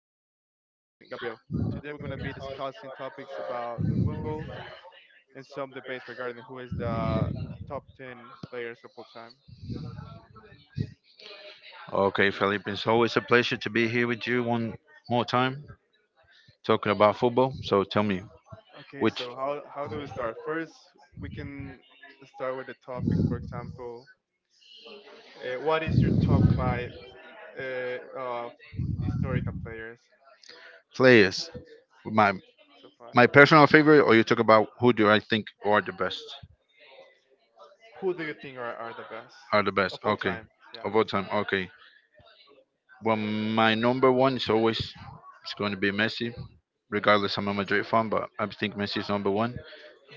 friend Gabriel. Today we're going to be discussing topics about football and some debates regarding who is the top 10 players of all time. Okay, Felipe, it's always a pleasure to be here with you one more time talking about football. So tell me, Okay, which so how do we start? First, we can start with the topic. For example, what is your top five of historical players? players, my Uh, top my five. personal favorite, or you talk about who do I think are the best? Who do you think are the best Are the best? of all Okay, time? of Yeah. all time. Okay, well, my number one is always it's going to be Messi. Regardless, I'm a Madrid fan, but I think Messi is number one.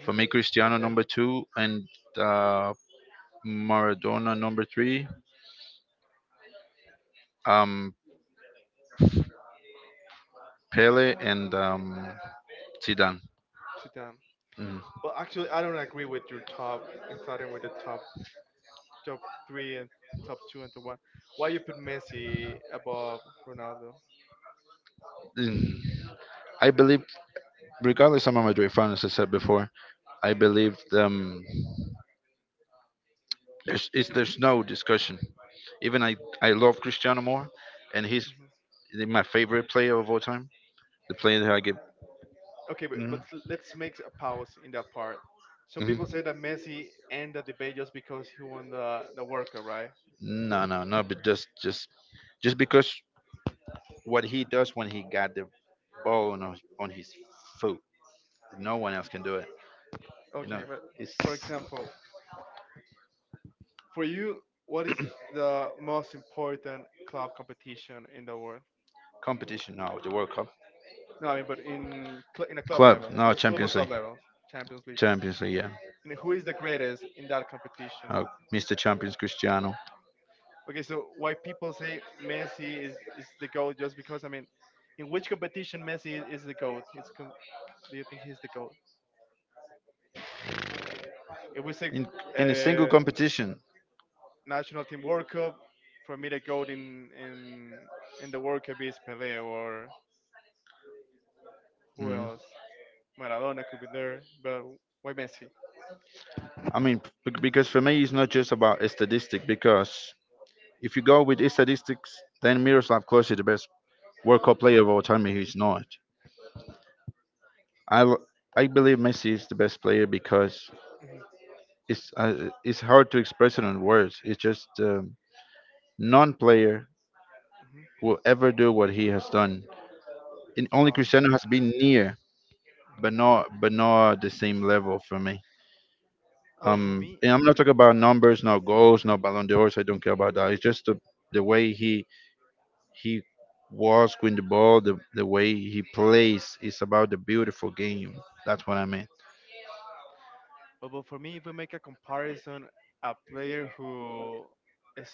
For me, hmm Cristiano number Okay. two, and uh, Maradona number three, um, Pele, and Zidane. Sit down. Mm. Well, actually, I don't agree with your top. Starting with the top three and top two and the one. Why you put Messi above Ronaldo? Mm. I believe, regardless, I'm a Madrid fan, as I said before. I believe there's it's, there's no discussion. Even I love Cristiano more, and he's hmm my favorite player of all time. The player that I give. Okay, but, hmm let's make a pause in that part. hmm Some people say that Messi end the debate just because he won the World Cup, right? No, no, no. But just because what he does when he got the ball on, on his foot, no one else can do it. Okay, but for example, for you, what is the most important club competition in the world? Competition now. The World Cup, No, I mean, but in a club level, just football club level, Champions League. League, yeah. And who is the greatest in that Competition? competition? Mr. Champions Cristiano. Okay, so why people say Messi is the goat? Just because I mean, in which competition Messi is the goat? Do you think he's the goat? If we say in in a single uh, competition. national team World Cup, for me the goat in in the World Cup is Pele or who Mhm. else? Maradona could be there, but why Messi? I mean, because for me, it's not just about a statistic. Because if you go with statistics, then Miroslav Klose is the best World Cup player of all time. And he's not. I l- I believe Messi is the best player because Hmm. It's hard to express it in words. It's just non-player Hmm. will ever do what he has done. And only Oh, Cristiano has God. been near, but Mhm. Not the same level for me. Well, for And me, I'm not talking about numbers, no goals, no Ballon d'Ors. I don't care about that. It's just the way he was with the ball, the way he plays. It's about the beautiful game. That's what I mean. but for me, if we make a comparison, a player who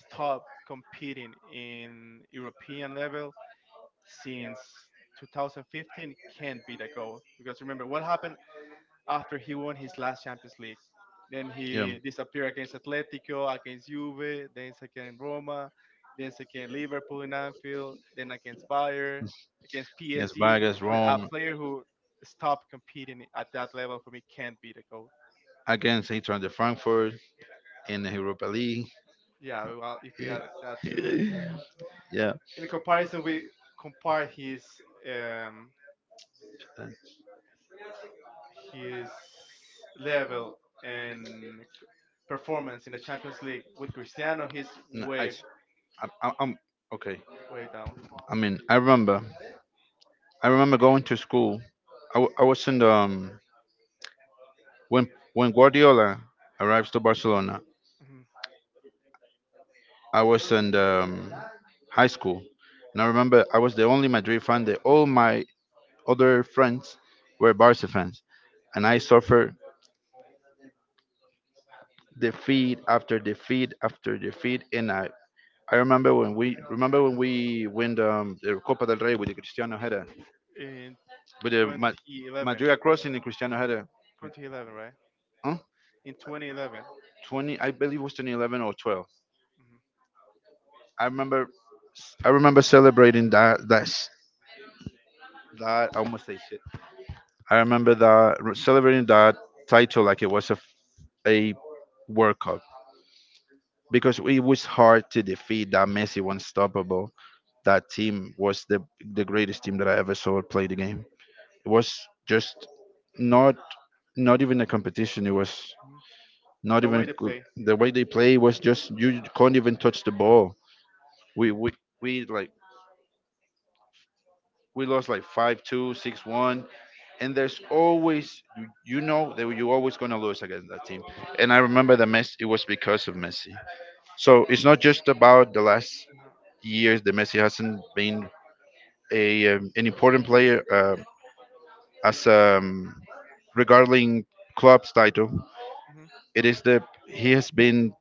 stopped competing in European level since 2015 can't be the goal. Because remember, what happened after he won his last Champions League? Then he disappeared against Atletico, against Juve, then against Roma, then against Liverpool in Anfield, then against Bayern, against Against PSG. I mean, a player who stopped competing at that level for me can't be the goal. against Eintracht de Frankfurt in the Europa League. Yeah, well, if we add that to it. Yeah. In comparison, we compare um, Uh, his level and performance in the Champions League with Cristiano. He's No, I, s- way I- I'm- okay. way down. I mean, I remember going to school. I was in the, when Guardiola arrives to Barcelona. Mhm. I was in the, high school, and I remember I was the only Madrid fan. That all my other friends were Barca fans, and I suffered defeat after defeat after defeat, and I remember when we win the Copa del Rey with the Cristiano header, In with the 2011, Madrid crossing the Cristiano header. 2011, right? Huh? In 2011. Twenty, I believe it was 2011 or 12. Mhm. I remember, I remember celebrating that. That's that. I almost say shit. I remember that celebrating that title like it was a, a World Cup because it was hard to defeat that Messi unstoppable. That team was the greatest team that I ever saw play the game. It was just not not even a competition. It was Mhm. not The even way they co- play. the way they play was just you can't even touch the ball. We we we like we lost like 5-2, 6-1, and there's always you you know that you're always gonna lose against that team. And I remember the mess. It was because of Messi. So it's not just about the last years that Messi hasn't been a an important player as regarding club's title. Mhm. It is the he has been.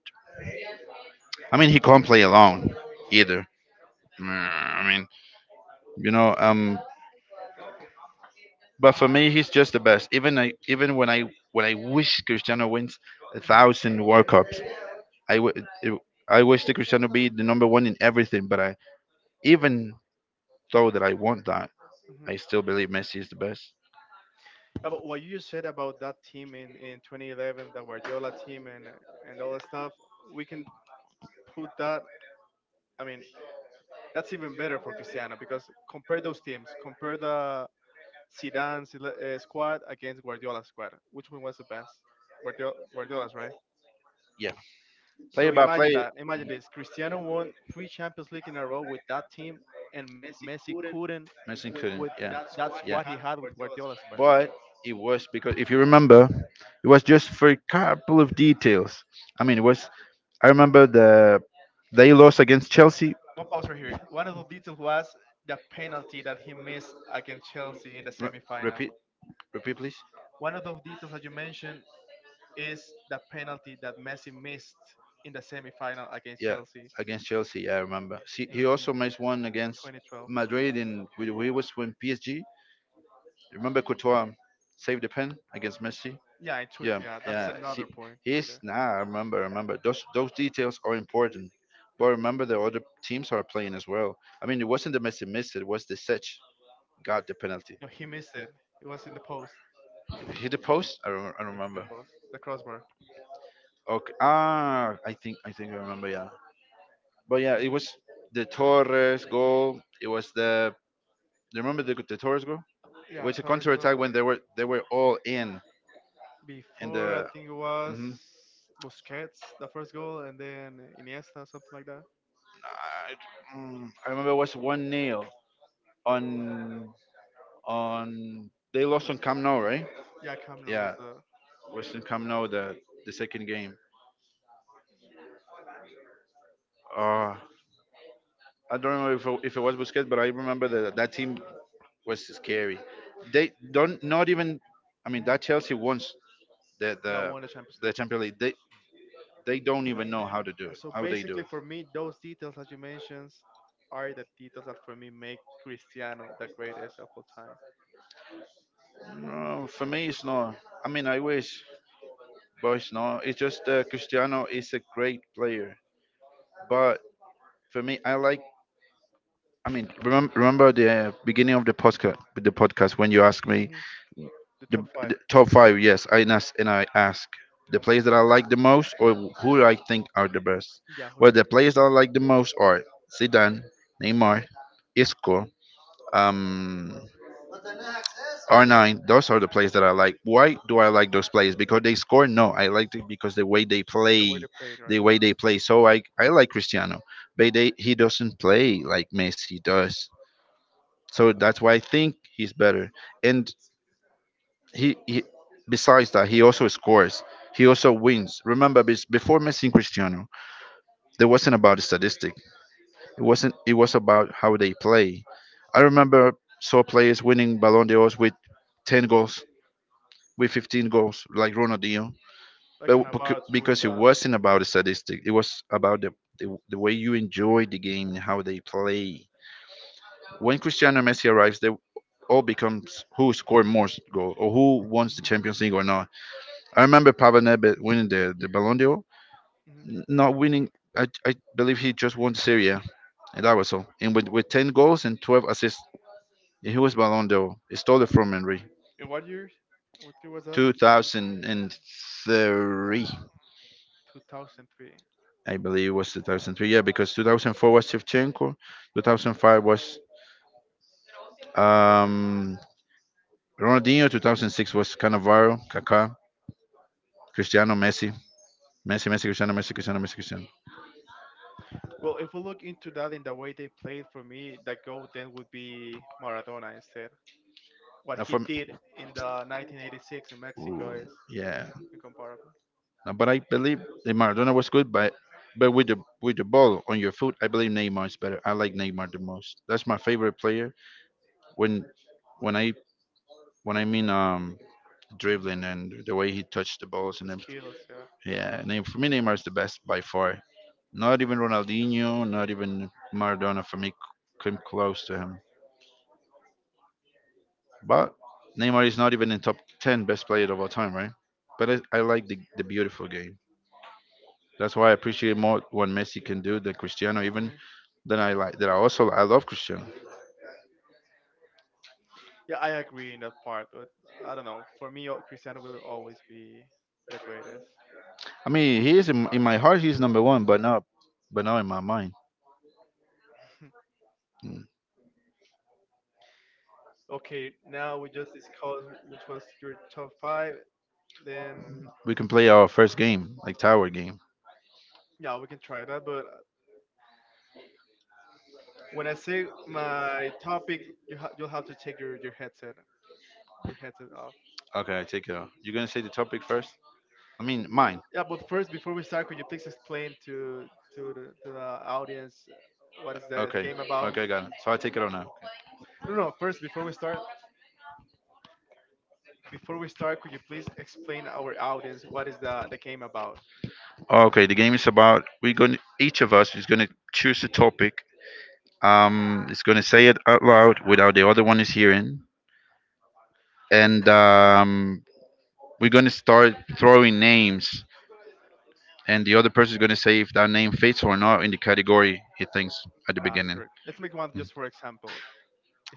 I mean, he can't play alone either. I mean, you know. Um, but for me, he's just the best. Even I, even when I wish Cristiano wins a Mhm. thousand World Cups, I w- it- I wish that Cristiano be the number one in everything. But I even though that I want that, I Mhm. still believe Messi is the best. About what you just said about that team in 2011, the Guardiola team and all that stuff, we can put that. I mean, that's even better for Cristiano because compare those teams. Compare the Zidane squad against Guardiola's squad. Which one was the best? Guardiola, Guardiola's, right? Yeah. Player So by imagine player. that. Imagine this. Cristiano won three Champions League in a row with that team, and Messi couldn't Messi with couldn't. Yeah. that squad Yeah. he had with Guardiola's squad. But it was because if you remember, it was just for a couple of details. I mean, it was. I remember the they lost against Chelsea. One pause right here. One of the details was the penalty that he missed against Chelsea in the Re- semifinal. repeat. Repeat, please. One of those Details. details that you mentioned is the penalty that Messi missed in the semifinal against Yeah, Chelsea against Chelsea. Yeah, I remember. See, he also in missed one against 2012. Madrid in when he was when PSG. Remember Courtois saved the pen against Messi. Yeah, Yeah, yeah, yeah. that's See, another point right he's there. nah. I remember. Remember. Those details are important. But remember, the other teams are playing as well. I mean, it wasn't the Messi missed. It was the Sech got the penalty. No, he missed it. It was in the post. Hit the post? I don't Yeah, hit remember. the post, the crossbar. Okay. Ah, I think I remember. Yeah. But yeah, Yeah, it was against. the Torres goal. It was the. Do you remember the Torres goal? It was Yeah, a counter Torres attack when goal they were all in and before the. I think it was hmm Busquets the first goal, and then Iniesta something like that. I, I remember it was one nil on on they lost on Camp Nou, right? Yeah, Camino Yeah, was the. it was in Camp Nou the second game. Uh I don't remember if it was Busquets, but I remember that that team was scary. They don't not even. I mean, Mhm. that Chelsea wants the Yeah, the won the Champions the League. Champions League. They don't even know how to do it. Yeah, so How they do it. basically for me, those details that you mentioned are the details that for me make Cristiano the greatest of all time. No, for me it's not. I mean, I wish, but it's not. It's just Cristiano is a great player, but for me, I like I mean, remember, remember the beginning of the podcast when you asked me Hmm. The top the five. top five. Yes, I nas- and I ask the players that I like the most or who I think are the best. Yeah, who Well, you the players together. that I like the most are Zidane, Neymar, Isco, um, R9. Those are the players that I like. Why do I like those players? Because they score? No, I like it because the way they The play, way they played, the right? way they play. So I like Cristiano, but they, he doesn't play like Messi does. So that's why I think he's better. And he besides that, he also scores. He also wins. Remember, before Messi and Cristiano, there wasn't about the statistic. It wasn't. It was about how they play. I remember saw players winning Ballon d'Ors with 10 goals, with 15 goals, like Ronaldinho. Like But Cannavaro too because in it the. wasn't about the statistic, it was about the way you enjoy the game and how they play. When Cristiano Messi arrives, they all becomes who scored more goals or who wins the Mhm, Champions League or not. I remember Pavel Nedved winning the Ballon d'Or, mhm. Not winning. I believe he just won Serie A, and that was all. And with 10 goals and 12 assists, and he was Ballon d'Or. He stole it from Henry. In what year? What year was that? 2003, 2003. I believe it was 2003. Yeah, because 2004 was Shevchenko, 2005 was um, Ronaldinho, 2006 was Cannavaro, Kaká, Cristiano Messi. Messi, Messi, Cristiano, Messi, Cristiano, Messi, Cristiano. Well, if we look into that in the way they played, for me, the goal then would be Maradona instead. Uh, What for, he did in the 1986 in Ooh, Mexico is yeah. Incomparable. But I believe that Maradona was good, but with the ball on your foot, I believe Neymar is better. I like Neymar the most. That's my favorite player. When when I when I mean Hmm. dribbling and the way he touched the balls and The everything. skills, yeah. Yeah, Neymar, for me Neymar is the best by far. Not even Ronaldinho, not even Maradona for me came close to him. But Neymar is not even in top 10 best player of all time, right? But I like the beautiful game. That's why I appreciate more what Messi can do than Cristiano, even than I like. That I also I love Cristiano. Yeah, I agree in that part, but I don't know. For me, Cristiano will always be the greatest. I mean, he is Just in what my heart. happens He's number cost. one, but not in my mind. Okay, now we just called which was your top five. Then We can play our first game, like tower game. yeah, we can try that. But when I say my topic, you'll have to take your headset off. Okay, I take it off. You're gonna say the topic first. I mean, mine. Yeah, but first, before we start, could you please explain to the audience what is the Okay, game about? okay, got it. So I take it on now. Okay. No, no, no, first, before we start, before we start, could you please explain our audience what is the game about? Okay, the game is about we're going each of us is going to choose a topic. It's going to say it out loud without the other one is hearing, and we're going to start throwing names, and the other person is going to say if that name fits or not in the category he thinks at the Nah, that's beginning. correct. Let's make one Mm. just for example.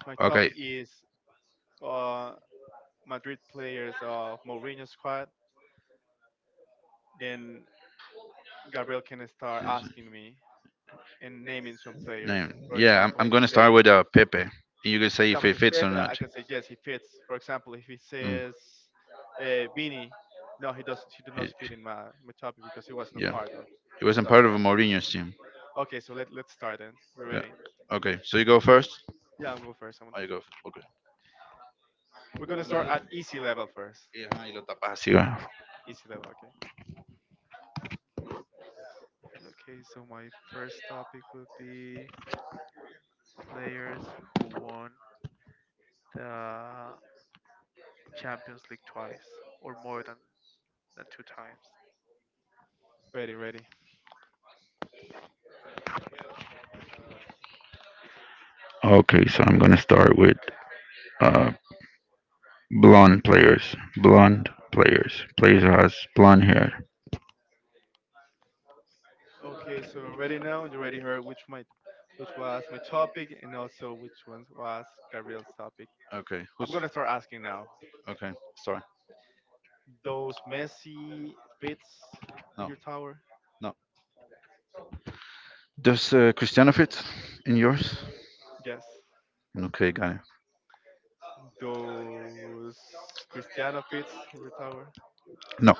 If my Okay. topic is uh, Madrid players of Mourinho squad, then Gabriel can start asking me and naming some Name. players. For Yeah, example, I'm he going to can start with say, Pepe. And you can for say if example, I it can say fits or Pepe. not. I can say yes, he fits. For example, if he Mm. says Vini, no, he doesn't. He did It- not fit in my, my topic because he was not yeah. part It of wasn't that part of squad. Mourinho's team. Okay, so let let's start then. We're Yeah. ready. Okay, so you go Okay. first? Yeah, I'm going first. Oh, you go first. Okay. We're gonna start at easy level first. Y, ajá, y lo tapas así, va. Easy level, okay. Okay, so my first topic will be players who won the Champions League twice or more than two times. Ready, ready. Okay, so I'm going to start with uh, blonde players. Blonde players. Players who has blonde hair. Okay, so already now you already heard which my which was my topic and also which one was Gabriel's topic. Okay. Who's? I'm I'm gonna start asking now. okay? Sorry. Those Messi fits in No. your tower? No. Does Cristiano fit in yours? Yes. Okay, got it. Those Cristiano fits in your tower? No.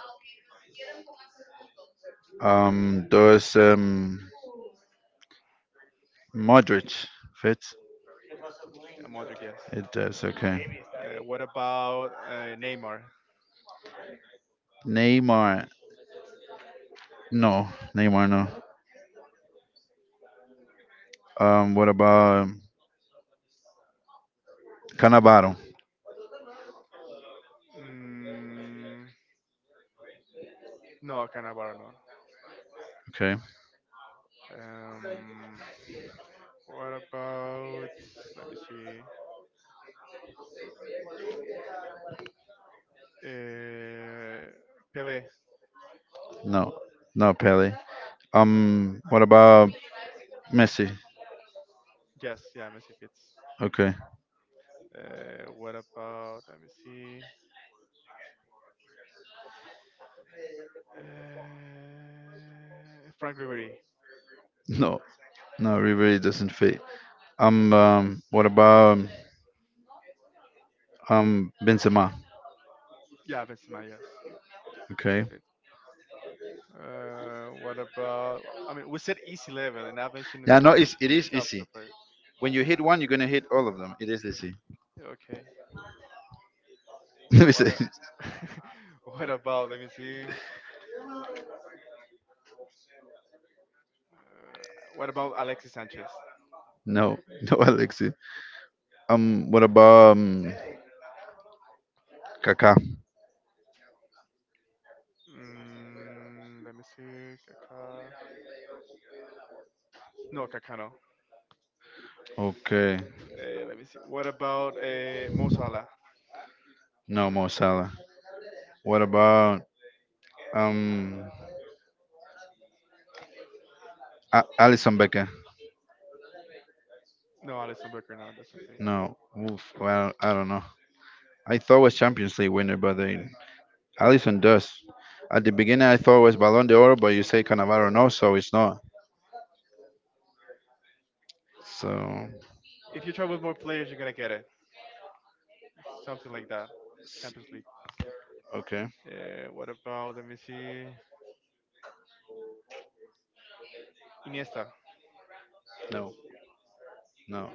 Does Modric fit? Yeah, Modric, yes. It does. Okay. What about Neymar? Neymar? Neymar. No. Neymar. No. What about Cannavaro? Mm, no, Cannavaro, no. Okay. Um, what about? Let me see. Uh, Pele. No. No Pele. What about Messi? Yes, yeah, Messi fits. Okay. What about? Let me see. Frank Ribery. No, no, Ribery doesn't fit. Um, what about Benzema? Yeah, Benzema. Yes, Okay. fit. What about? I mean, we said easy level, and I Yeah, mentioned no, it's, it is top easy. players. When you hit one, you're gonna hit all of them. It is easy. Okay. Let me say What a, what about? Let me see. Uh, what about Alexis Sanchez? no, no, Alexi. What about Kaká? Mm, let me see. Kaká. No, Kaká no. Okay. Let me see. What about Mo Salah? No, Mo Salah. What about um, Alison Becker? No, Alisson Becker. No, that's okay. No. Oof, well, I don't know. I thought was Champions League winner, but they Allison does. At the beginning, I thought it was Balón de Oro, but you say Cannavaro no, so it's not. So, If you try with more players, you're gonna get it. Something like that. Champions League. okay. What about? Let me see. Iniesta. No, no.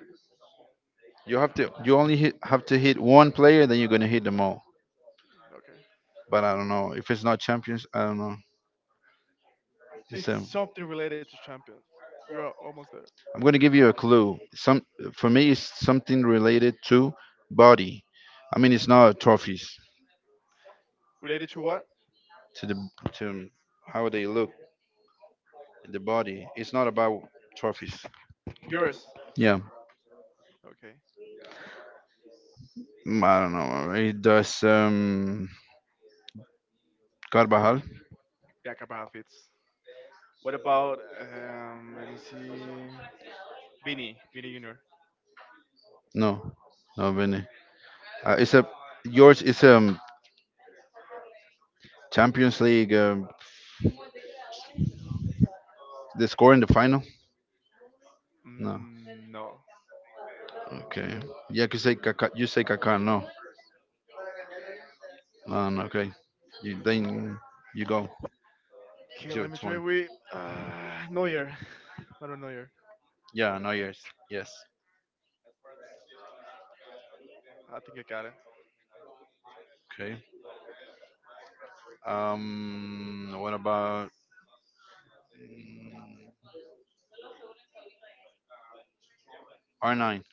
You have to. You only hit, have to hit one player, then you're gonna hit them all. Okay. But I don't know if it's not champions. I don't know. It's, It's something related to Champions. You're almost there. I'm gonna give you a clue. Some for me, it's something related to body. I mean, it's not trophies Related to what? to how they look, the body. It's not about trophies. Yours. Yeah. Okay. Mm, I don't know. It does Carvajal. Yeah, Carvajal fits. What about um? Let me see. Vinny, Vinny Junior. No, no, Vinny. It's a yours. It's Champions League. The score in the final. No. Mm, no. Uh, Okay. Yeah, you say Kaká. You say Kaká. No. No. No, okay. You then you go. It's okay, your let me turn. try with Neuer. Manuel Neuer. Yeah. No. Yes. Yes. I think I got it. Okay. What about R nine?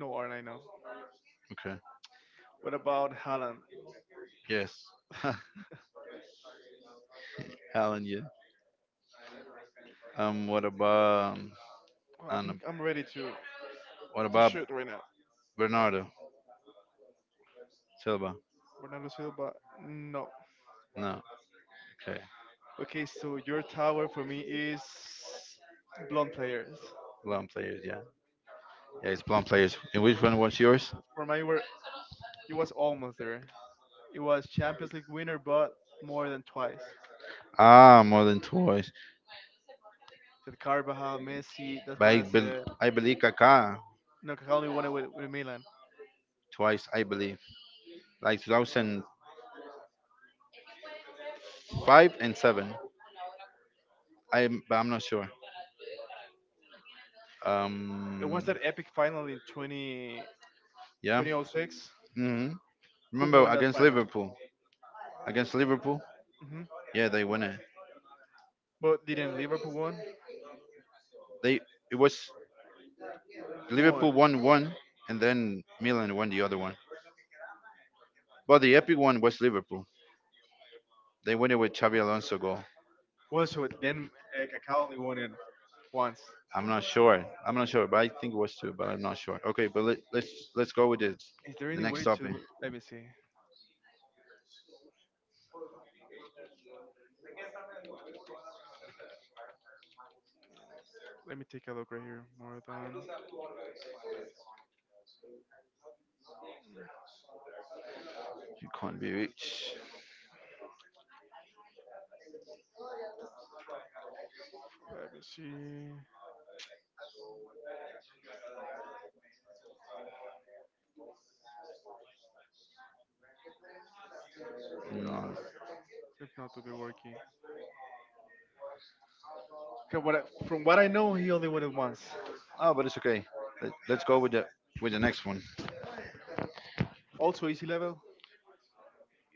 No, aren't I now? Okay. What about Haaland? Yes. Helen. Yeah. What about? Well, I And think I'm ready what to about shoot right now. Bernardo Silva? Bernardo Silva. No. No. Okay. Okay, so your tower for me is blonde players. Blonde players, yeah. Yeah, it's blonde players. And which one was yours? For mine, were it was almost there. It was Champions League winner, but more than twice. Ah, more than twice. That Carvajal, Messi. But That's why I said I believe Kaká no. Only won it with Milan. twice. I believe like 2005 and seven. I'm not sure. It Um. was that epic final in 20, Yeah. 2006. hmm Who Remember won that against final? Liverpool? Against Liverpool? Hmm. Yeah, they won it. But didn't Liverpool won? They it was Who Liverpool won? won one, and then Milan won the other one. But the epic one was Liverpool. They won it with Xabi Alonso goal. Well, so then Cavalli won it once. I'm not sure. I'm not sure, but I think it was two, but I'm not sure. Okay, but let's go with the Is there any next way to topic. Let me see? Let me take a look right here. More than You can't be rich. let me see. No, Mm. It's not to be working. 'Cause what I, from what I know, he only won it once. Oh, but it's okay. Let's go with the next one. Also easy level,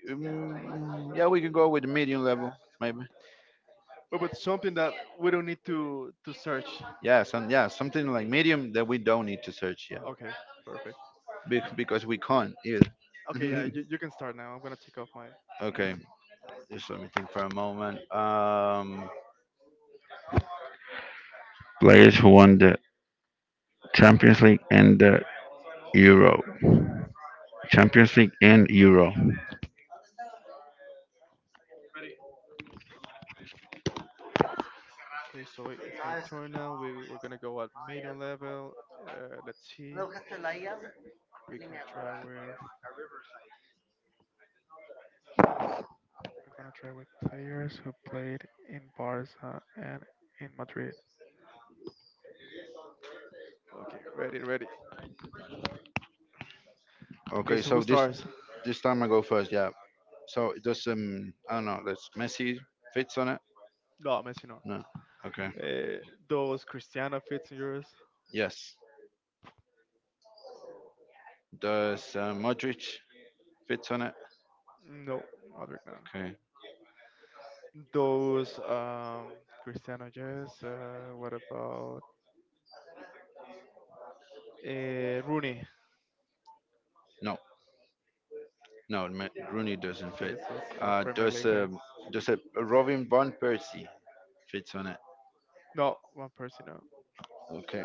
Mm, yeah, we can go with the medium level, maybe. But something that we don't need to search. Yeah, something like medium that we don't need to search. Yeah, Okay, perfect. Because we can't either. Okay, yeah, you can start now. I'm gonna take off my my Okay, headset. just let me think for a moment. Players who won the Champions League and the Euro. Champions League and Euro. Okay, so it's my turn now. We we're gonna go at medium level. Let's see. We can try with we're gonna try with players who played in Barca and in Madrid. Okay, ready, ready. Okay, Okay, so so who this starts? this time I go first. Yeah. So does I don't know. Does Messi fits on it? No, Messi no. No. Okay. Uh, those Cristiano fits in yours? Yes. Does Modric fits on it? No, Modric no. Okay. Those Cristiano yes. What about Rooney? No. No. Rooney doesn't fit. Okay, so it's not Uh, Premier does League then. um does a Robin van Persie fits on it? No, one person. No. Okay.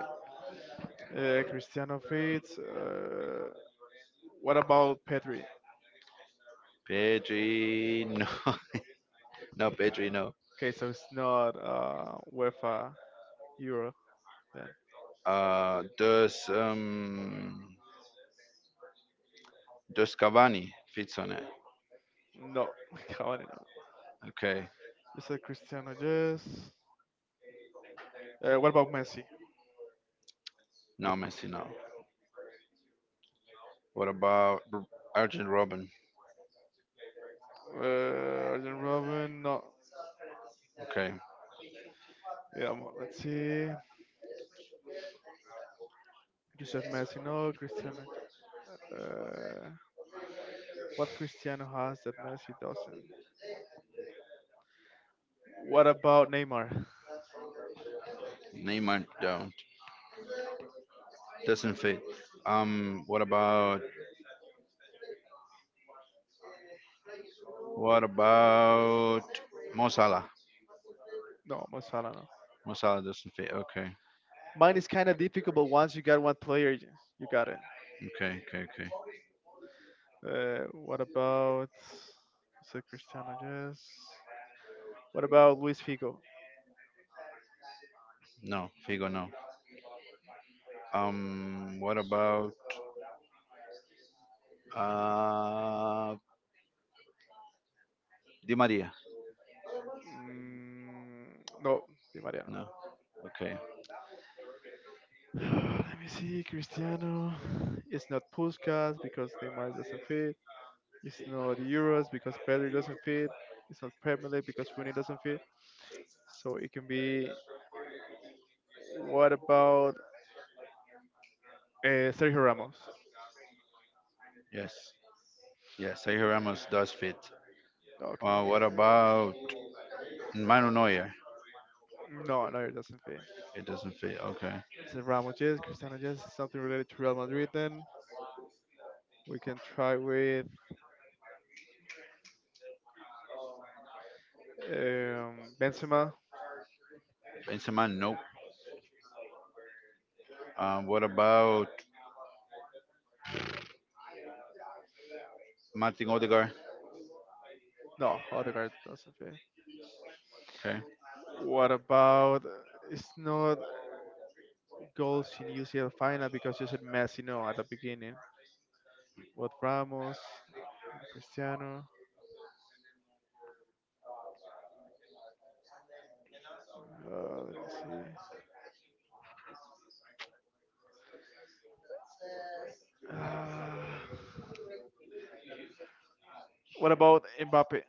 Cristiano fits. What about Pedri? Pedri, no, no, Pedri, no. Okay, so it's not UEFA Euro then. Uh, does um, does Cavani fits on it? No, Cavani no. Okay, You said Cristiano, yes. What about Messi? no, Messi, no. What about Arjen Robin? Arjen Robin, no. Okay, Yeah, mo- let's see. You said Messi, no. Cristiano. Uh, what Cristiano has that Messi doesn't? What about Neymar? Neymar don't doesn't fit. What about what about Mo Salah? No, Mo Salah, no. Mo Salah doesn't fit. Okay, Mine is kind of difficult, but once you got one player, you got it. okay, okay, okay. What about? Is it Cristiano? Yes. What about Luis Figo? No, Figo, no. What about uh Di Maria? Mm, no, Di No. Mariano. Okay. Let me see. Cristiano. It's not Puskas because Neymar doesn't fit. It's not the Euros because Pedri doesn't fit. It's not Premier League because Rooney doesn't fit. So it can be. What about Sergio Ramos? Yes. Yes, Sergio Ramos does fit. Okay. What about Manu Neuer? No, no, it doesn't fit. It doesn't fit. Okay. Is it Ramos? Yes. Cristiano? Yes. Something related to Real Madrid. Then we can try with Benzema. Benzema, nope. What about Martin Odegaard? No, Odegaard doesn't fit. Okay. What about? Uh, it's not goals in UCL final because you said Messi. No, at the beginning. What Ramos? Uh, Cristiano. Let me see. Uh, what about Mbappe?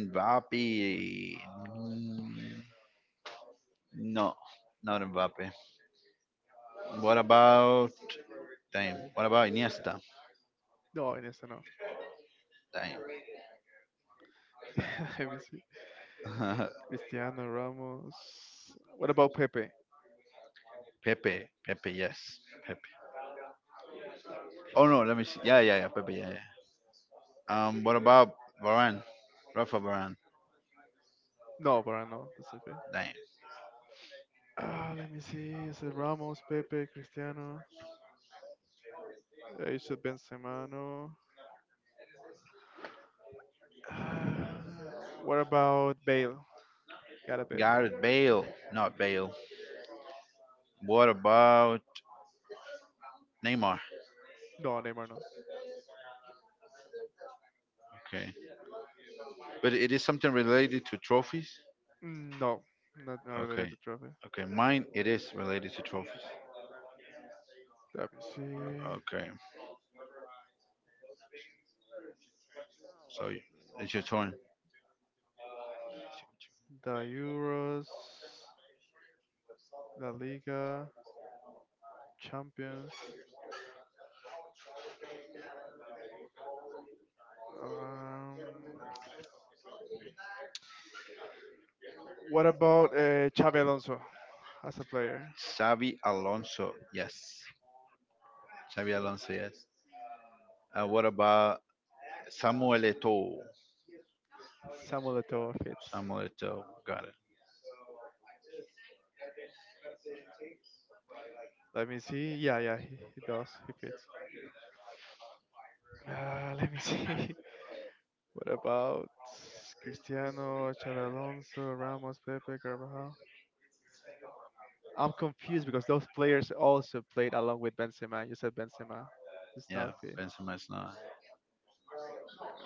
Mbappe? mm, No, not Mbappe. What about Damn. What about Iniesta? No, Iniesta, no. Damn. Let me see. Cristiano Ramos. What about Pepe? Pepe. Pepe, yes. Pepe. Oh no, let me see. Yeah, yeah, yeah. Pepe, yeah, yeah. What about Varane? Rafa Varane. No, Varane, no, that's a Damn. ah, let me see. Is it Ramos, Pepe, Cristiano? Is it Benzema? No. Ah, what about Bale? Gotta Bale. Gareth Bale, not Bale. What about Neymar? No, Neymar, no. Okay. But it is something related to trophies? Mm, no, not, not related Okay. to trophy. Okay, mine it is related to trophies. Let me see. Okay. So it's your turn. The Euros, La Liga, Champions. Um, what about Xabi Alonso as a player? Xavi Alonso. Yes. Xavi Alonso, yes. What about Samuel Eto'o? Samuel Eto'o fits. Samuel Eto'o. Got it. Let me see. Yeah, yeah, he does. He fits. Let me see. What about Cristiano, Xabi Alonso, Ramos, Pepe, Carvajal? I'm confused because those players also played along with Benzema. You said Benzema. It's Yeah, not fit. Benzema's not.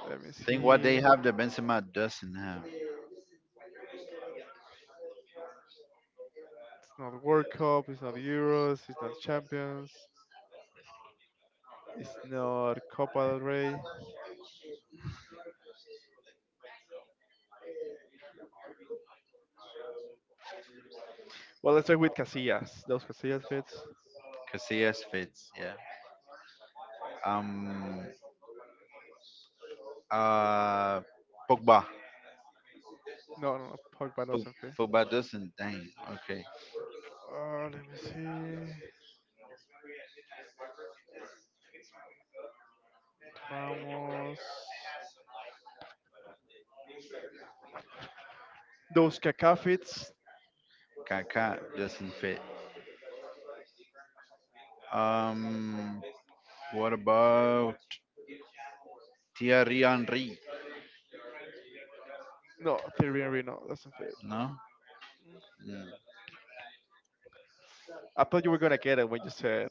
Let me Think what see. they have that Benzema doesn't have. It's not World Cup. It's not Euros. It's not Champions. It's not Copa del Rey. Well, let's start with Casillas. Those Casillas fits. Casillas fits, yeah. Um, uh, Pogba. No, no, no. Pogba Fu- doesn't fit. Fuba doesn't. Dang. Okay. Let me see. Ramos. Those Kaká fits. Kaká doesn't fit. Um, what about Thierry Henry? No, Thierry Henry no, doesn't fit. No. Mm. I thought you were gonna get it when you said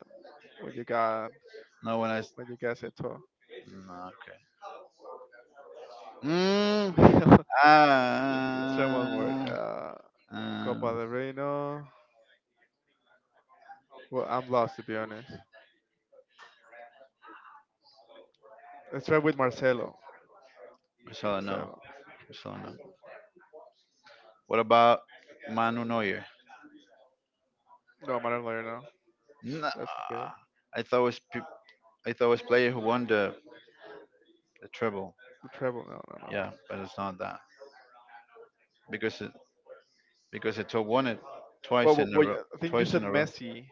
when you got No when I. When you guys said so. No, okay. Mm, let's, let's try one more. ah. Copa Um. del Reino. Well, I'm lost to be honest. Let's try with Marcelo. I shall know. Marcelo. I shall know. What about Manu Neuer? No, Manuel Neuer. No, Nah, that's okay. I thought it was pe- I thought it was player who won the treble. The treble. No, no, no. Yeah, but it's not that because it, because I took one it Well, twice well, in a well, row. I think you Twice said in a row. Messi,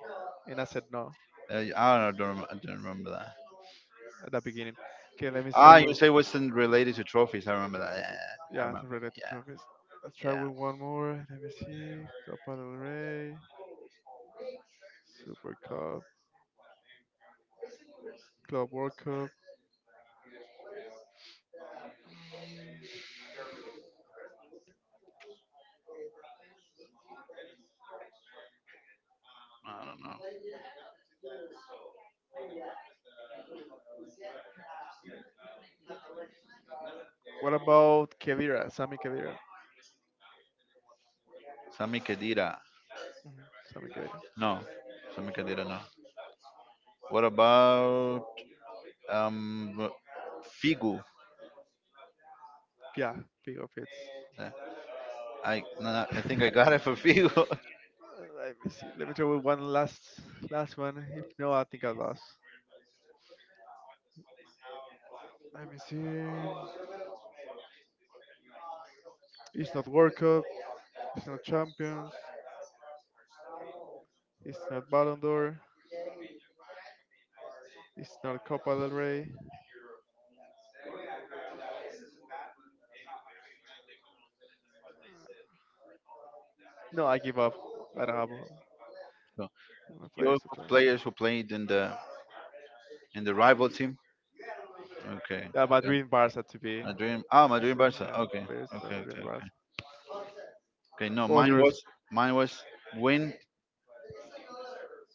and I said no I don't remember that. at the beginning. Okay, let me see. Ah, you Well, say it wasn't related to trophies. I remember that. Yeah, I yeah, it's remember. related to trophies. Let's Yeah, try yeah. with one more. Let me see. Copa del Rey, Super Cup, Club World Cup. I don't know. What about Kavira? Sami Kavira. Sami Khedira. Mhm, Sami Khedira. No, Sami Khedira. No. What about um Figu? Yeah, big of hits. Uh, I no, no, I think I got it for Figu. Let me see. Let me try with one last last one. If no, I think I lost. Let me see. It's not World Cup. It's not Champions. It's not Ballon d'Or. It's not Copa del Rey. No, I give up. I don't have So, my your players to play. players who played in the rival team. Okay. Yeah, Yeah. Madrid and Barca to be Madrid. Ah, Madrid specific. Barca. Yeah, Okay. players to play Okay. Madrid Okay. and Barca. Okay. Okay, no, What was yours? mine was win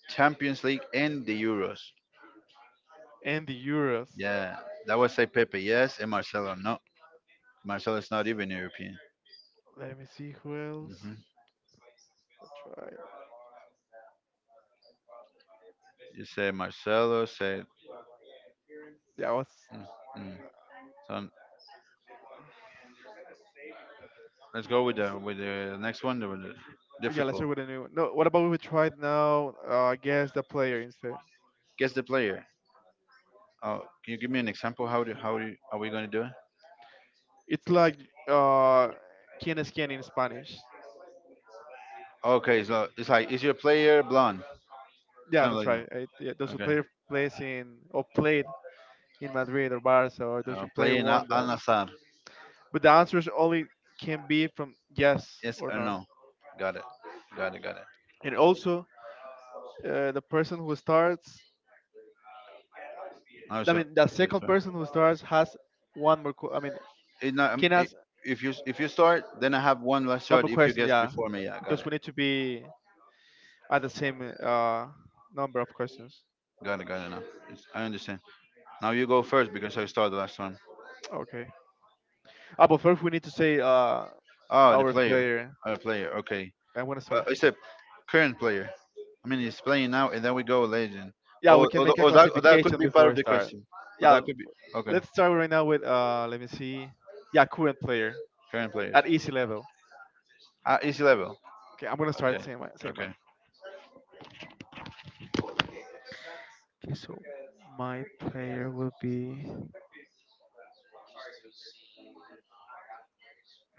Champions League and the Euros. And the Euros. Yeah, that was say Pepe. Yes, and Marcelo. No, Marcelo is not even European. Let me see who else. hmm I'll try. You say Marcelo. Say. Yeah, I was. Mm, mm. So let's go with s- the next one. The Yeah, let's difficult. start with a new one. No, what about we try it now? I guess the player instead. Guess the player. Oh, can you give me an example? How do are we gonna do it? It's like uh, quien es quien in Spanish. Okay, so it's like is your player blonde? Yeah, Something that's like that. right. Yeah, those who Okay. play plays in or played in Madrid or Barca or those who play Playing one. Al The, Nassr. but the answers only can be from yes Yes or or no. no? Got it. Got it. Got it. And also, the person who starts, I Also, mean, the yes second or person who starts has one more. I mean, It not, can it, ask if you start, then I have one last one more shot. If you question. guess Yeah, before me, yeah, got because it. we need to be at the same number of questions. Got it. Got it. Now it's, I understand. Now you go first because I start the last one. Okay. Ah, but first, we need to say Oh, the our player. player. Oh, the player. Okay. I want to start. But it's a current player. I mean, he's playing now, and then we go legend. Yeah, we Or, can or, make a or that could classification be before part of we the start. question. Or Yeah, that could be okay. let's start right now with let me see. Yeah, current player Current player. at easy level. At easy level. Okay, I'm gonna start Okay. same way. Same way. Okay. Okay, so my player will be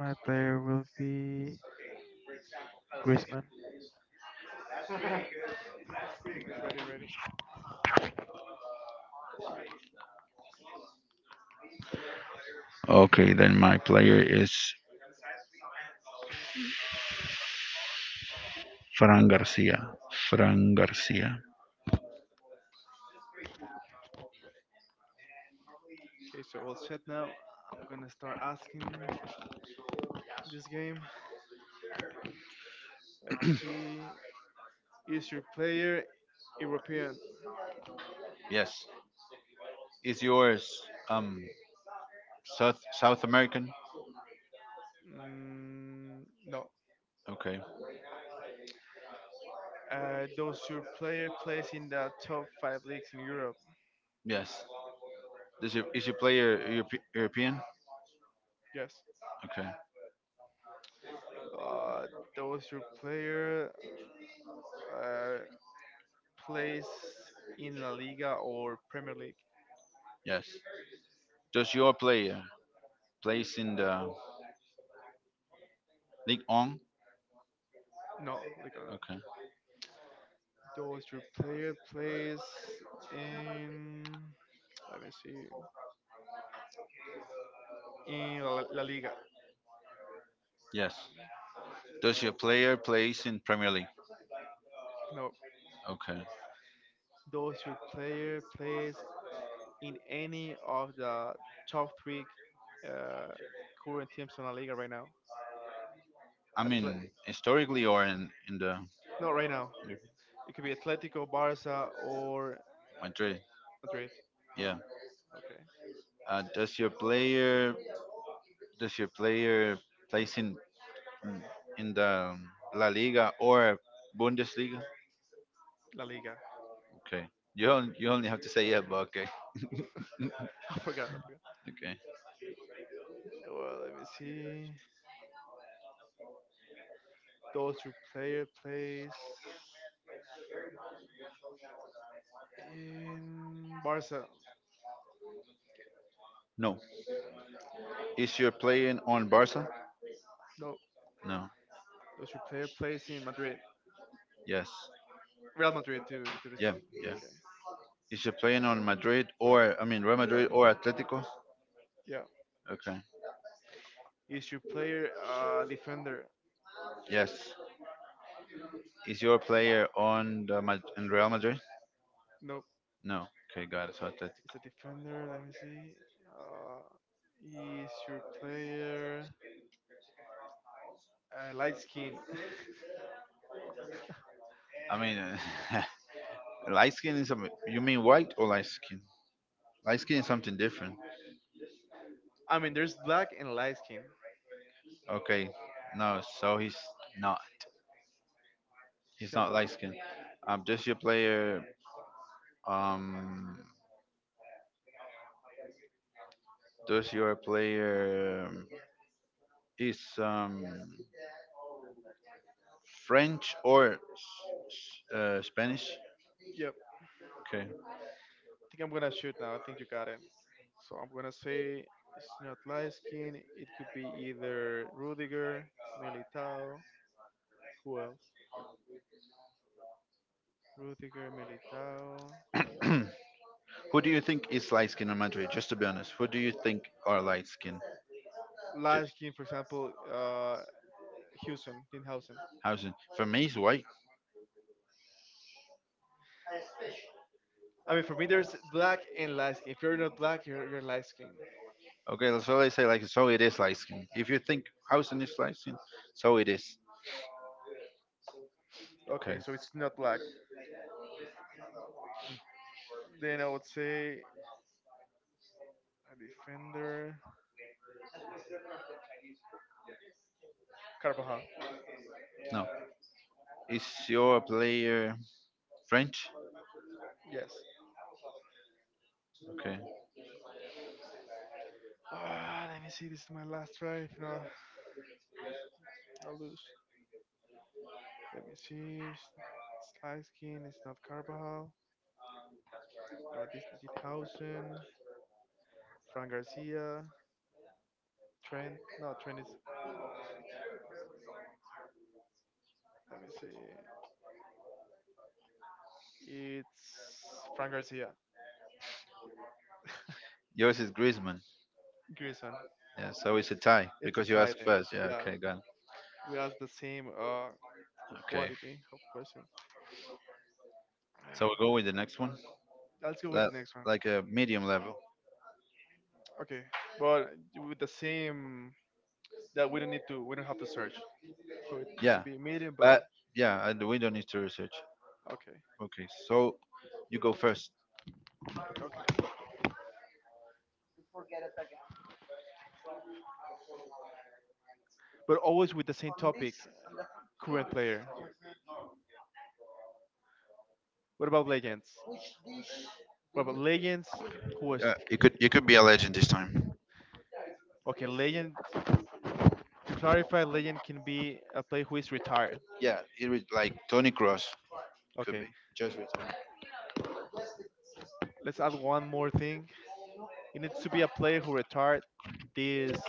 my player will be Griezmann. Ready, ready. Okay, then my player is Fran Garcia. Fran Garcia. Okay, so all set now. I'm gonna start asking this game. Let me see. Is your player European? Yes. Is yours um South American? Mm, no. Okay. Does your player plays in the top five leagues in Europe? Yes. Is your player European? Yes. Okay. Uh, does your player uh, plays in La Liga or Premier League? Yes. Does your player plays in the League On? No, Liga no. Okay. Does your player plays in? Let me see. In La Liga? Yes. Does your player plays in Premier League? No. Okay. Does your player plays in any of the top three uh, current teams in La Liga right now? I Atle- mean, historically or in the not right now. It could be Atletico, Barca, or Madrid? Madrid. Yeah. Okay, Uh, does your player does your player plays in the La Liga or Bundesliga? La Liga. Okay. You only have to say yeah, but okay. I forgot. I forgot. Okay. Well, let me see. Those two player plays in Barca. No. Is your playing on Barca? No, No. those your player plays in Madrid. Yes. Real Madrid, to be Yeah, yeah. okay. Is you playing on Madrid or I mean Real Madrid or Atletico? Yeah, Okay. is your player defender? Yes. Is your player in Real Madrid? No, No. Okay, got it. So Atletico. It's a defender. Let me see. Uh, is your player light skin? I mean, light skin is you mean white or light skin? Light skin is something different. I mean, there's black and light skin. Okay. No. So he's not. He's It's not not light light. skin. Um, does your player um does your player is French or Spanish? Yep. I Okay. think I'm gonna shoot now. I think you got it. So I'm gonna say it's not light skin. It could be either Rudiger, Militao. Who else? Rudiger, Militao. Who do you think is light skin on Madrid? Just to be honest, who do you think are light skin? Light skin, for example, Houston, Dinhausen. Housen. For me, it's white. I mean, for me, there's black and light skin. If you're not black, you're light skin. Okay, that's all I say. Like, so it is light skin. If you think Housen is light skin, so it is. Okay. Okay, so it's not black. Then I would say a defender. Carvajal. No. Is your player French? Yes. Okay. Ah, let me see. This is my last try. If not, I'll lose. Let me see. Slicekin. It's Lyskin. It's not Carvajal. No, this Dinhausen. Frank Garcia. Trent. No, Trent is. Let me see. It's Frank Garcia. Yours is Griezmann. Griezmann. Yeah. So it's a tie It's a because you tie asked then. first. Yeah. Yeah, Okay. Got it. we asked the same Okay. quality of questions. So Ah, we'll go with the next one. Let's go with Le- the next one. like a medium level. Okay, but with the same that we don't need to, we don't have to search. So it needs Yeah. to be a meeting, But but yeah, we don't need to research. okay, Okay, so you go first. okay. But always with the same topic, current player. What about legends? What about legends? Who was It could be a legend this time. okay? Legend. To clarify, legend can be a player who is retired. Yeah, it was like Tony Cross could be Okay, just retired let's add one more thing. It needs to be a player who retired this.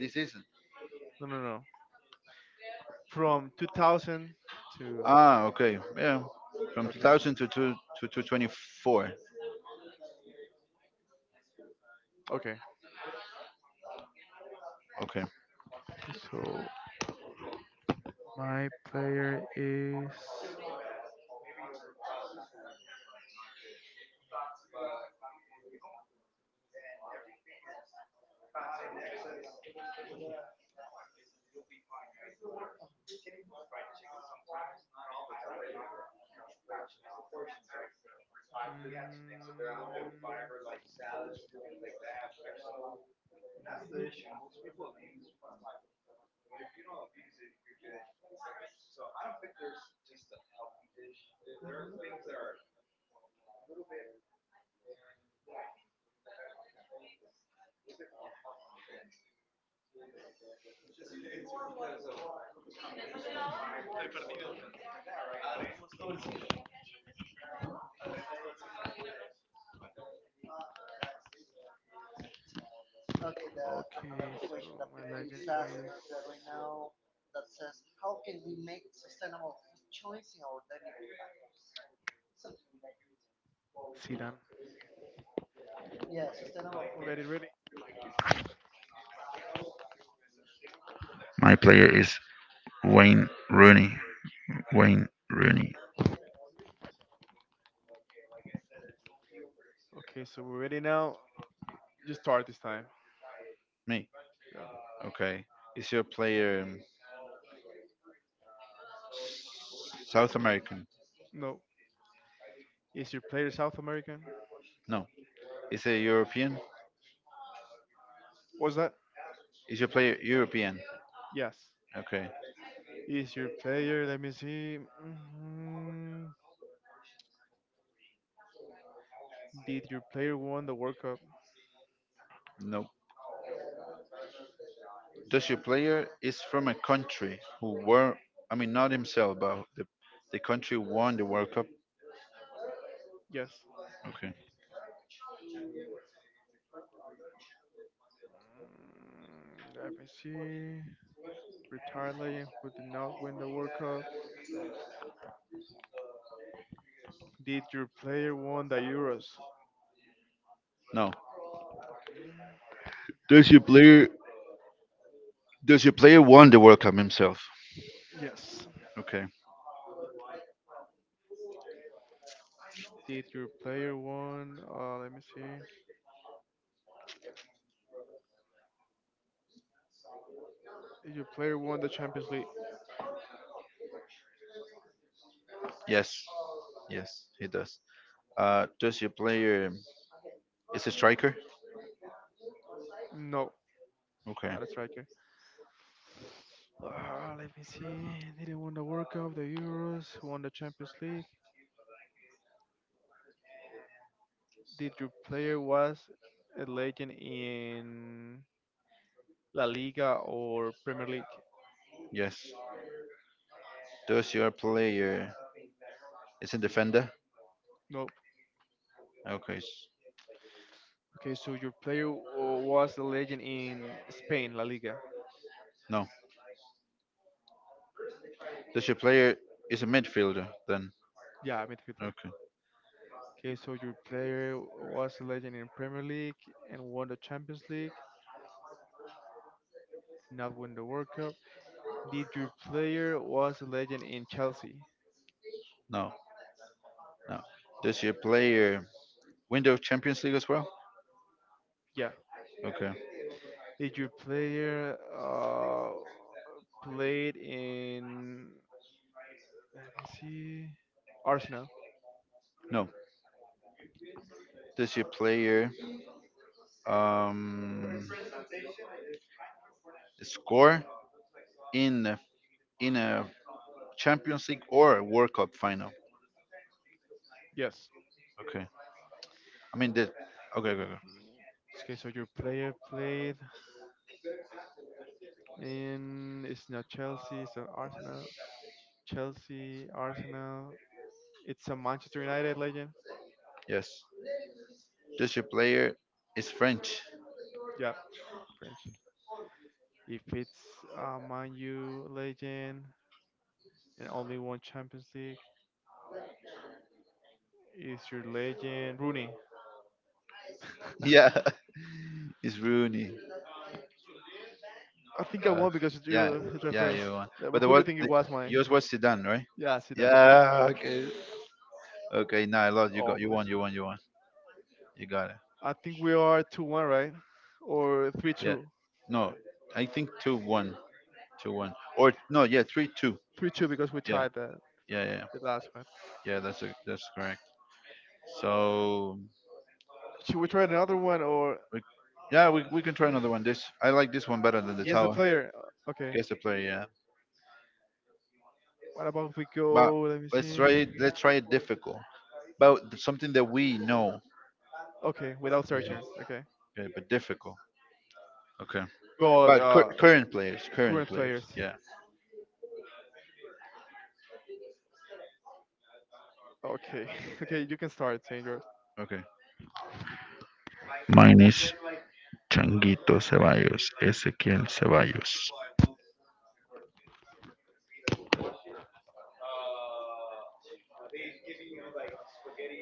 this season. No, no, no. From 2000 to Ah, okay, yeah, from okay, 2000 to 2024. okay. Okay, So My player is. Mm, okay, so my legend is. Zidane. Ready, ready. my player is Wayne Rooney. Wayne Rooney. Okay, so we're ready now. Just start this time. Me. Yeah. Okay, is your player South American? No. Is your player South American? No, is it European? Was that? Is your player European? Yes. Okay, Is your player? Let me see. Did your player won the World Cup? no. Does your player is from a country who were, I mean, not himself, but the country won the World Cup? Yes. Okay. Mm, let me see. Retired legend who did not win the World Cup. Did your player won the Euros? No. Does your player does your player won the World Cup himself? Yes. Okay. Did your player won? Let me see. Did your player won the Champions League? Yes. Yes, he does. Does your player is a striker? No, Okay. not a striker. Let me see. Did he win the World Cup, the Euros, won the Champions League? Did your player was a legend in La Liga or Premier League? Yes. Does your player is a defender? Nope. Okay. Okay, so your player was a legend in Spain, La Liga. No. Does your player is a midfielder then? Yeah, midfielder. Okay. Okay, so your player was a legend in Premier League and won the Champions League, not win the World Cup. Did your player was a legend in Chelsea? No. No. Does your player win the Champions League as well? Yeah. Okay. Did your player played in? Let me see. Arsenal. No, does your player um, score in in a Champions League or a World Cup final? Yes. Okay. I mean, the, okay, okay, okay. Okay, so your player played in. It's not Chelsea. It's not Arsenal. Chelsea, Arsenal. It's a Manchester United legend. Yes. Does your player is French? Yeah, French. If it's a Man U legend and only one Champions League, is your legend Rooney? Yeah, it's Rooney. I think I Uh, won because it's yeah, you tried yeah, first. you won. Yeah, But but the who you what? think it was, mine? Yours was Zidane, right? Yeah, Zidane. Yeah. Okay. Okay. Now I lost. You got. You won. Almost. You won. You won. You got it. I think we are 2-1, right? Or three Yeah. two. No, I think 2-1, 2-1, or no, yeah, 3-2. 3-2 because we Yeah, tied yeah, yeah, yeah. the last one. Yeah, that's correct. So, Should we try another one or we, we can try another one. This I like this one better than the guess the tower. player? Okay. Guess the player, yeah. What about if we But go? Let me let's see. try it. Let's try it difficult. But something that we know. Okay, without Mhm. searching. Okay. Okay, but difficult. Okay. But But current players, current current players. players. Yeah. Okay, okay, you can start saying yours. Okay. Mine is Changuito Ceballos, Ezequiel Ceballos.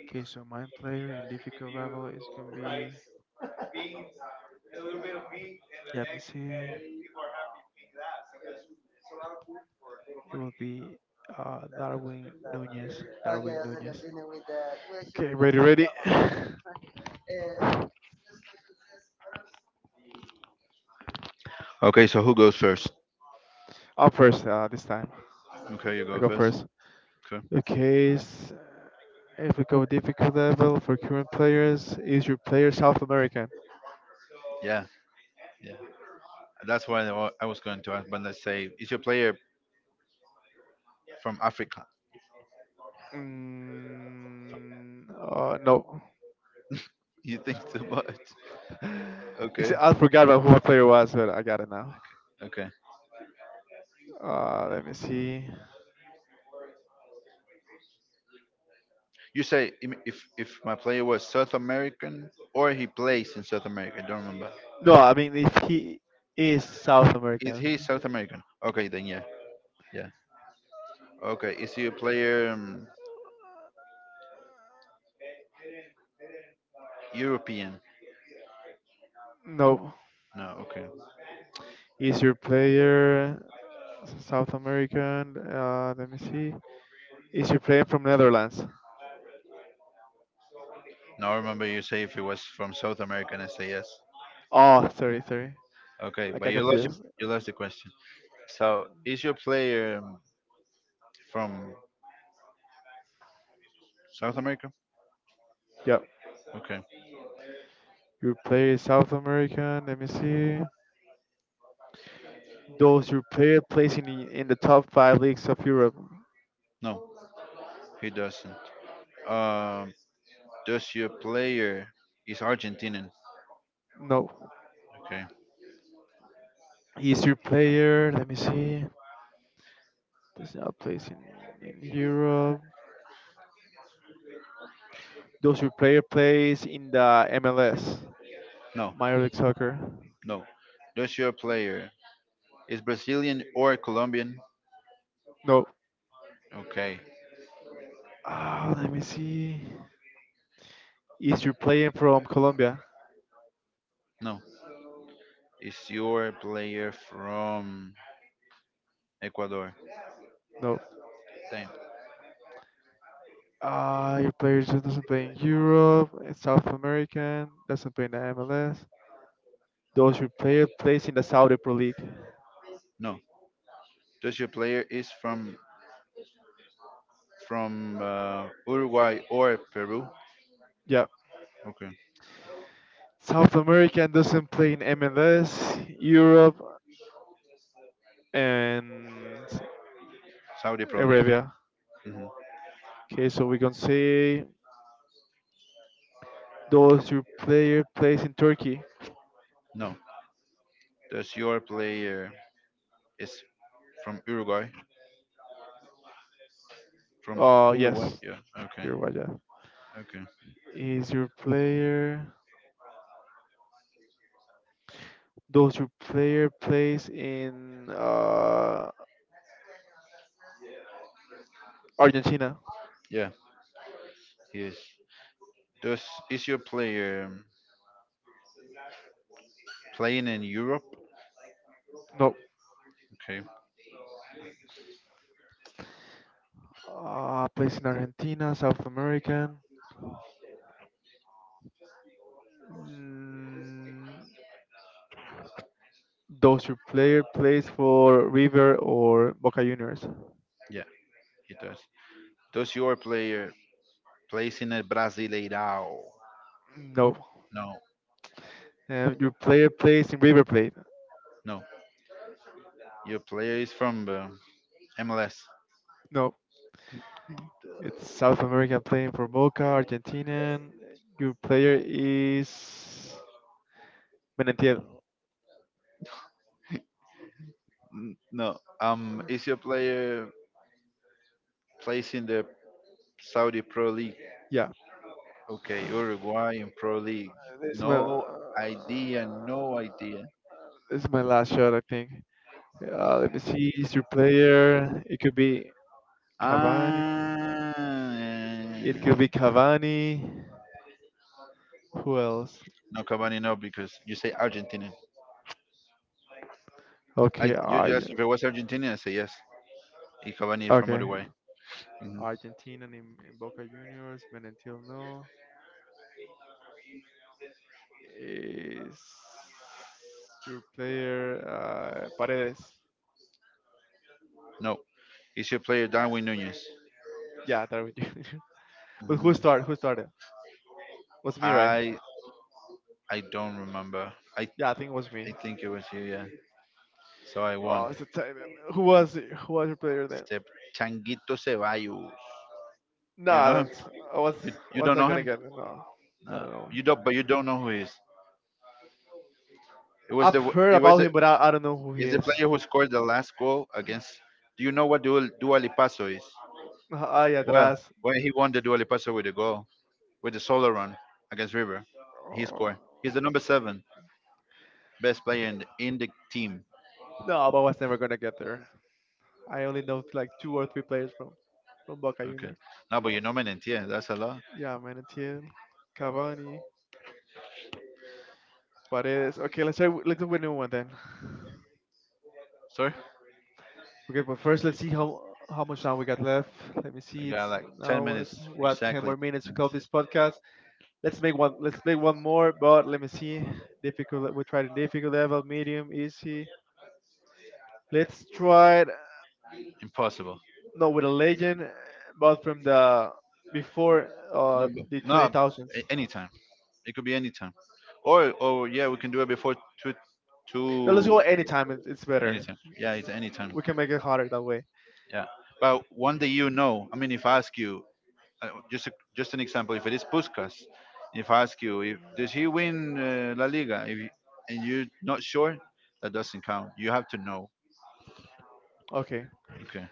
Okay, so my player in difficult level is gonna be. Let me see. It will be Darwin Nunez. Darwin Nunez. Okay, ready, ready. I'm Okay. So who goes first? first this time. Okay, you I go go first. first. Okay. Okay, if we go difficult level for current players, is your player South American? Yeah. Yeah. That's why I was going to ask, but let's say, is your player from Africa? No. You think too much. Okay, Except I forgot about who my player was, but I got it now. okay. Let me see. If my player was South American or he plays in South America. I don't remember. No, I mean if he is South Is he American. South American? Okay, then yeah, yeah. Okay, is your player European? No. No, okay. Is your player South American? Let me see. Is your player from Netherlands? No, I remember you say if he was from South America, and I say yes. Oh, sorry, sorry. Okay, I but got confused. you lost the question. So is your player from South America? Yep. Okay, Your player is South American. Let me see. Does your player plays in in the top five leagues of Europe? no, he doesn't. Um, does your player is Argentinian? No. Okay. Is your player? Let me see. Does not place in Europe. Those your player plays in the MLS, No, Major League Soccer? no. Does your player is Brazilian or Colombian? No. Okay. Ah, let me see. Is your player from Colombia? No. Is your player from Ecuador? No. Damn. Ah, your player just doesn't play in Europe, South American, doesn't play in the MLS. Those your player plays in the Saudi Pro League? No. Does your player is from Uruguay or Peru? Yeah. Okay. South American doesn't play in MLS, Europe, and Saudi Pro League. Arabia. Mhm. Okay, so we can say, those your player plays in Turkey? No. Does your player is from Uruguay? From Uruguay? Yes, Yeah. Okay. Uruguay, yeah. Okay. Is your player does your player plays in Argentina? Yeah. He is. Does is your player playing in Europe? No. Okay. Plays in Argentina, South American. Mm, does your player plays for River or Boca Juniors? Yeah, he does. Does your player plays in a Brasileirao? No. No, And your player plays in River Plate? no. Your player is from the MLS. No. It's South American playing for Boca, Argentinian. Your player is Menentiel. No. Is your player plays in the Saudi Pro League? Yeah. Okay, Uruguayan Pro League. This is my No idea. No idea. this is my last shot, I think. Let me see, Is your player. It could be Cavani. Ah, It could be eh, Cavani. Who else? no, Cavani, no, because you say Argentina. Okay, I you just Argent. if it was Argentina, I say yes. And Cavani is from Okay, Uruguay. hmm Argentina in Boca Juniors. Menentil no. Is your player Paredes? No, is your player Darwin Nunez? Yeah, that would do. But who started? Who started? Was me, right? I I don't remember. I Yeah, I think it was me. I think it was you, yeah. So I Oh, won. it's a time. Who was it? Who was your player then? Se- Changuito Ceballos. Do No, you know him? that's I You was don't not know gonna him? get it. No, I No. don't know. You don't, but you don't know who he is. It was I've the heard it was about the him, but I don't know who he is the is. player who scored the last goal against. Do you know what Dua Lipazo is? Ah, yeah, the Well, last. when he won the Dua Lipazo with a goal with the solo run against River, he Oh, scored. He's the number seven. Best player in the team. no, but I was never gonna get there. I only know like two or three players from Boca Okay. Juniors. No, but you nominate, yeah, that's a lot. Yeah, Manatiel, Cavani, Paredes. Okay, let's try. Let's go with a new one then. Sorry? Okay, but first let's see how much time we got left. Let me So you see. got It's like now 10 hour. minutes What ten exactly. more minutes to close this podcast? Let's make one. Let's play one more. But let me see. Difficult. We tried in difficult level, medium, easy. Let's try. It, Impossible. No, with a legend, but from the No, before but- the no 20 thousands. a- anytime. It could be anytime. Or yeah, we can do it before two, No, let's two. go anytime. It's better. Anytime. Yeah, it's anytime. We can make it harder that way. Yeah. But one day you know. I mean, if I ask you, just just an example, if it is Puskas, if I ask you, if, does he win La Liga, if you, and you're not sure, that doesn't count. You have to know. Okay. Okay.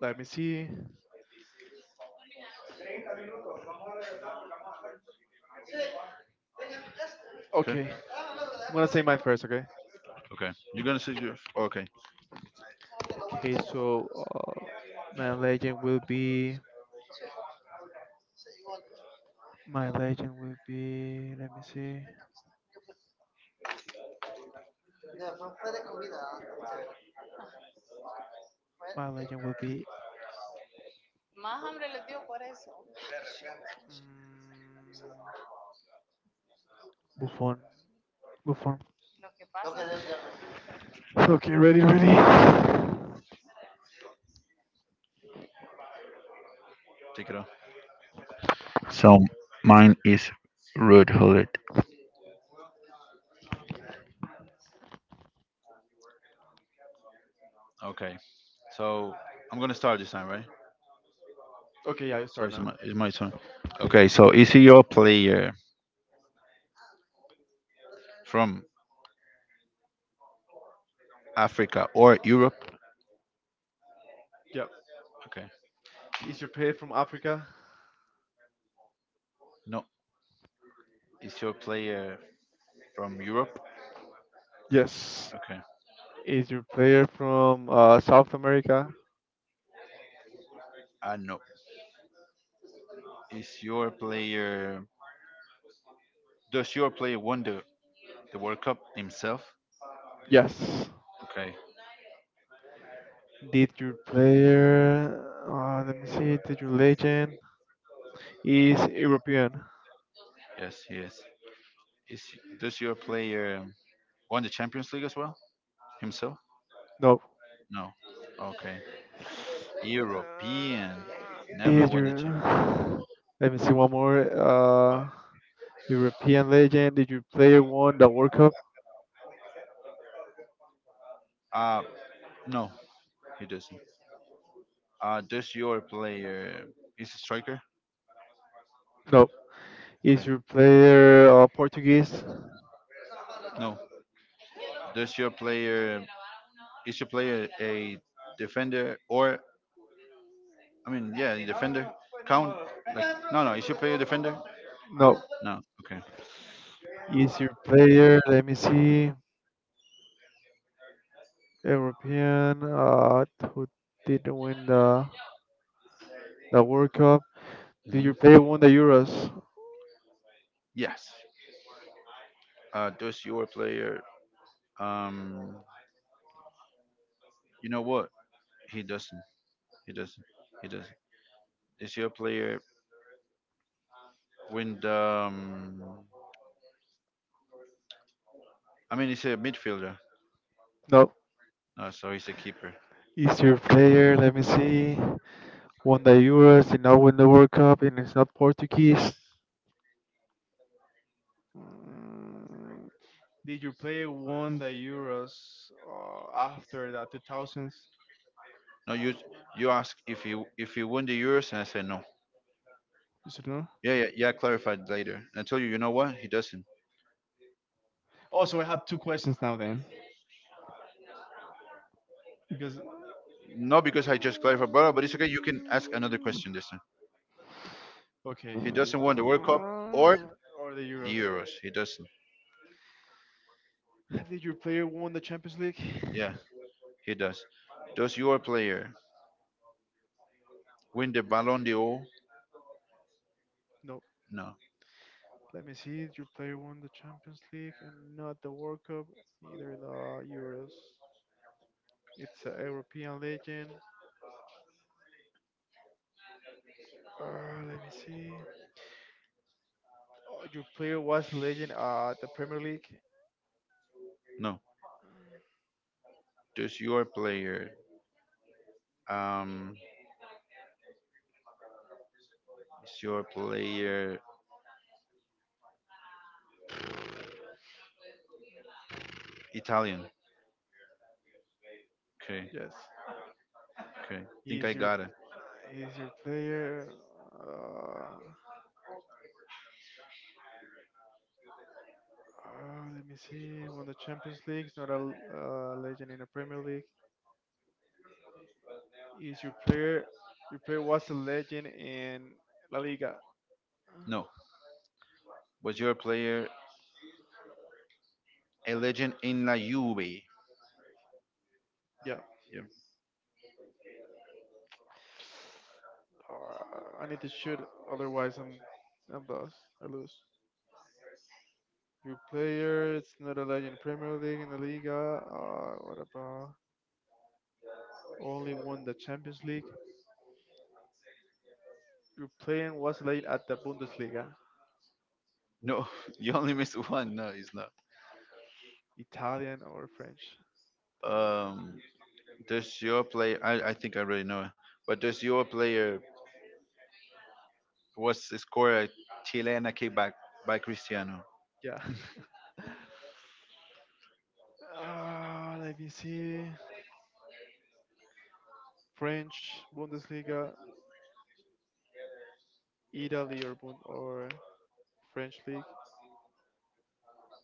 Let me see. Okay. Okay. I'm gonna say mine first. Okay. Okay. You're gonna say your- okay. Okay. So my legend will be. My legend will be. Let me see. My legend will be. mm, Buffon. Move on. Okay, ready, ready. Take it off. So mine is Rude Hullet. Okay. So I'm gonna start this time, right? Okay, yeah, you So start it's now. My turn. Okay. So is your player from Africa or Europe? Yep. Okay. Is your player from Africa? No. Is your player from Europe? Yes. Okay. Is your player from South America? No. Is your player does your player won the World Cup himself? Yes. Okay. Did your player? Let me see. Did your legend is European? Yes, he is. Is does your player won the Champions League as well himself? No. No. Okay. Uh, European never Did won the Champions your? League. Let me see one more. European legend. Did your player won the World Cup? Uh, uh no, he doesn't. Does your player is a striker? No. Okay. Is your player Portuguese? No. Does your player is your player a defender or I mean, yeah, the defender count. Like, no, no, is your player a defender. No. No, okay. Easier player. Let me see. European. Who didn't win the World Cup? Did hmm your player won the Euros? Yes. Does your player? Um, you know what? He doesn't. He doesn't. He doesn't. Is your player win the? I mean, he's a midfielder. No. No, so he's a keeper. Easier player. Let me see. Won the Euros. Did not win the World Cup, and it's not Portuguese. Mm, Did your player won the Euros after the 2000s? No, you ask if he won the Euros, and I say no. You should know. Yeah, yeah, yeah. Clarified later. I told you. You know what? He doesn't. Oh, so I have two questions now then, because. No, because I just clarified, brother. But it's okay. You can ask another question this time. Okay. He doesn't win the World Cup, or Or the Euros. Euros. He doesn't. Did your player won the Champions League? Yeah, he does. Does your player win the Ballon d'Or? No. No, Let me see. Did your player won the Champions League and not the World Cup, neither the Euros. It's a European legend. Uh, let me see. Oh, your player was legend at the Premier League. no. Does your player um is your player Italian? Okay, Yes. okay. Think I He's your got it. he's your player. Uh, let me see. Won the Champions League. He's not a legend in the Premier League. Is your player was a legend in La Liga. No. Was your player a legend in La Juve? Yeah. Yeah. I need to shoot, otherwise I'm lost. I lose. Your player it's not a legend in Premier League in La Liga. What about only won the Champions League? Your player was a legend at the Bundesliga, No, you only missed one. No, he's not. Italian or French. Italian, French, Um, does your player? I think I already know it. But does your player was scored a Chilean kickback by Cristiano? Yeah. Yeah. Let me see. French Bundesliga, Italy or Bund or French league.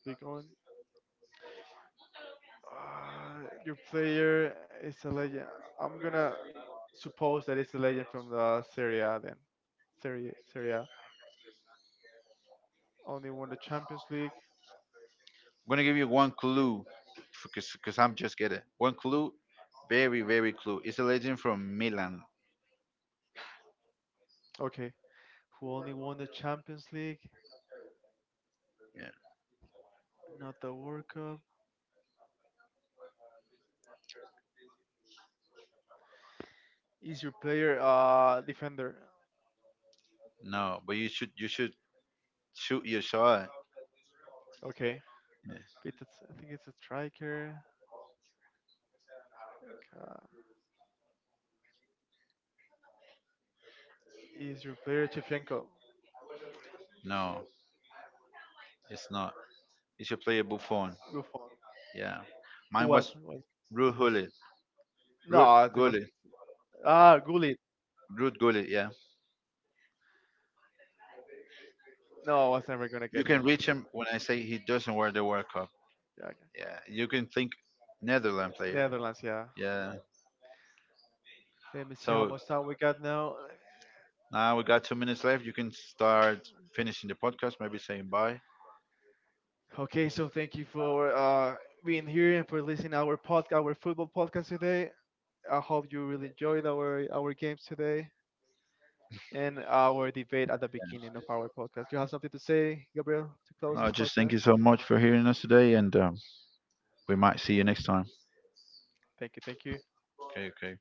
Click on. Your player is a legend. I'm gonna suppose that it's a legend from the Serie A then. Serie Serie A. Only won the Champions League. I'm gonna give you one clue, because I'm just getting one Mm, clue, very clue. It's a legend from Milan. Okay. Who only won the Champions League? Yeah. Not the World Cup. Is your player defender? No, but you should shoot your shot. Okay. Yeah. It's- I think it's a striker. Uh, Is your player Chevchenko? No, it's not. You should play a Buffon. Buffon. Yeah. Who Mine was was? Was Ruud Gullit. Ruud no, it was Gullit. ah Gullit. Ruud Gullit. Yeah. No, I was never gonna You get can him. I reach think. him when I say he doesn't wear the World Cup. Yeah, Yeah. You can think Netherlands player. Netherlands, yeah. Yeah. Let me see how So much time we got now. now we got 2 minutes left. You can start finishing the podcast. Maybe saying bye. Okay, so thank you for being here and for listening our football podcast today. I hope you really enjoyed our games today and our debate at the beginning of our podcast. Do You have something to say, Gabriel, to close No, this just thank podcast? you so much for hearing us today, and we might see you next time. Thank you, thank you. Okay, okay.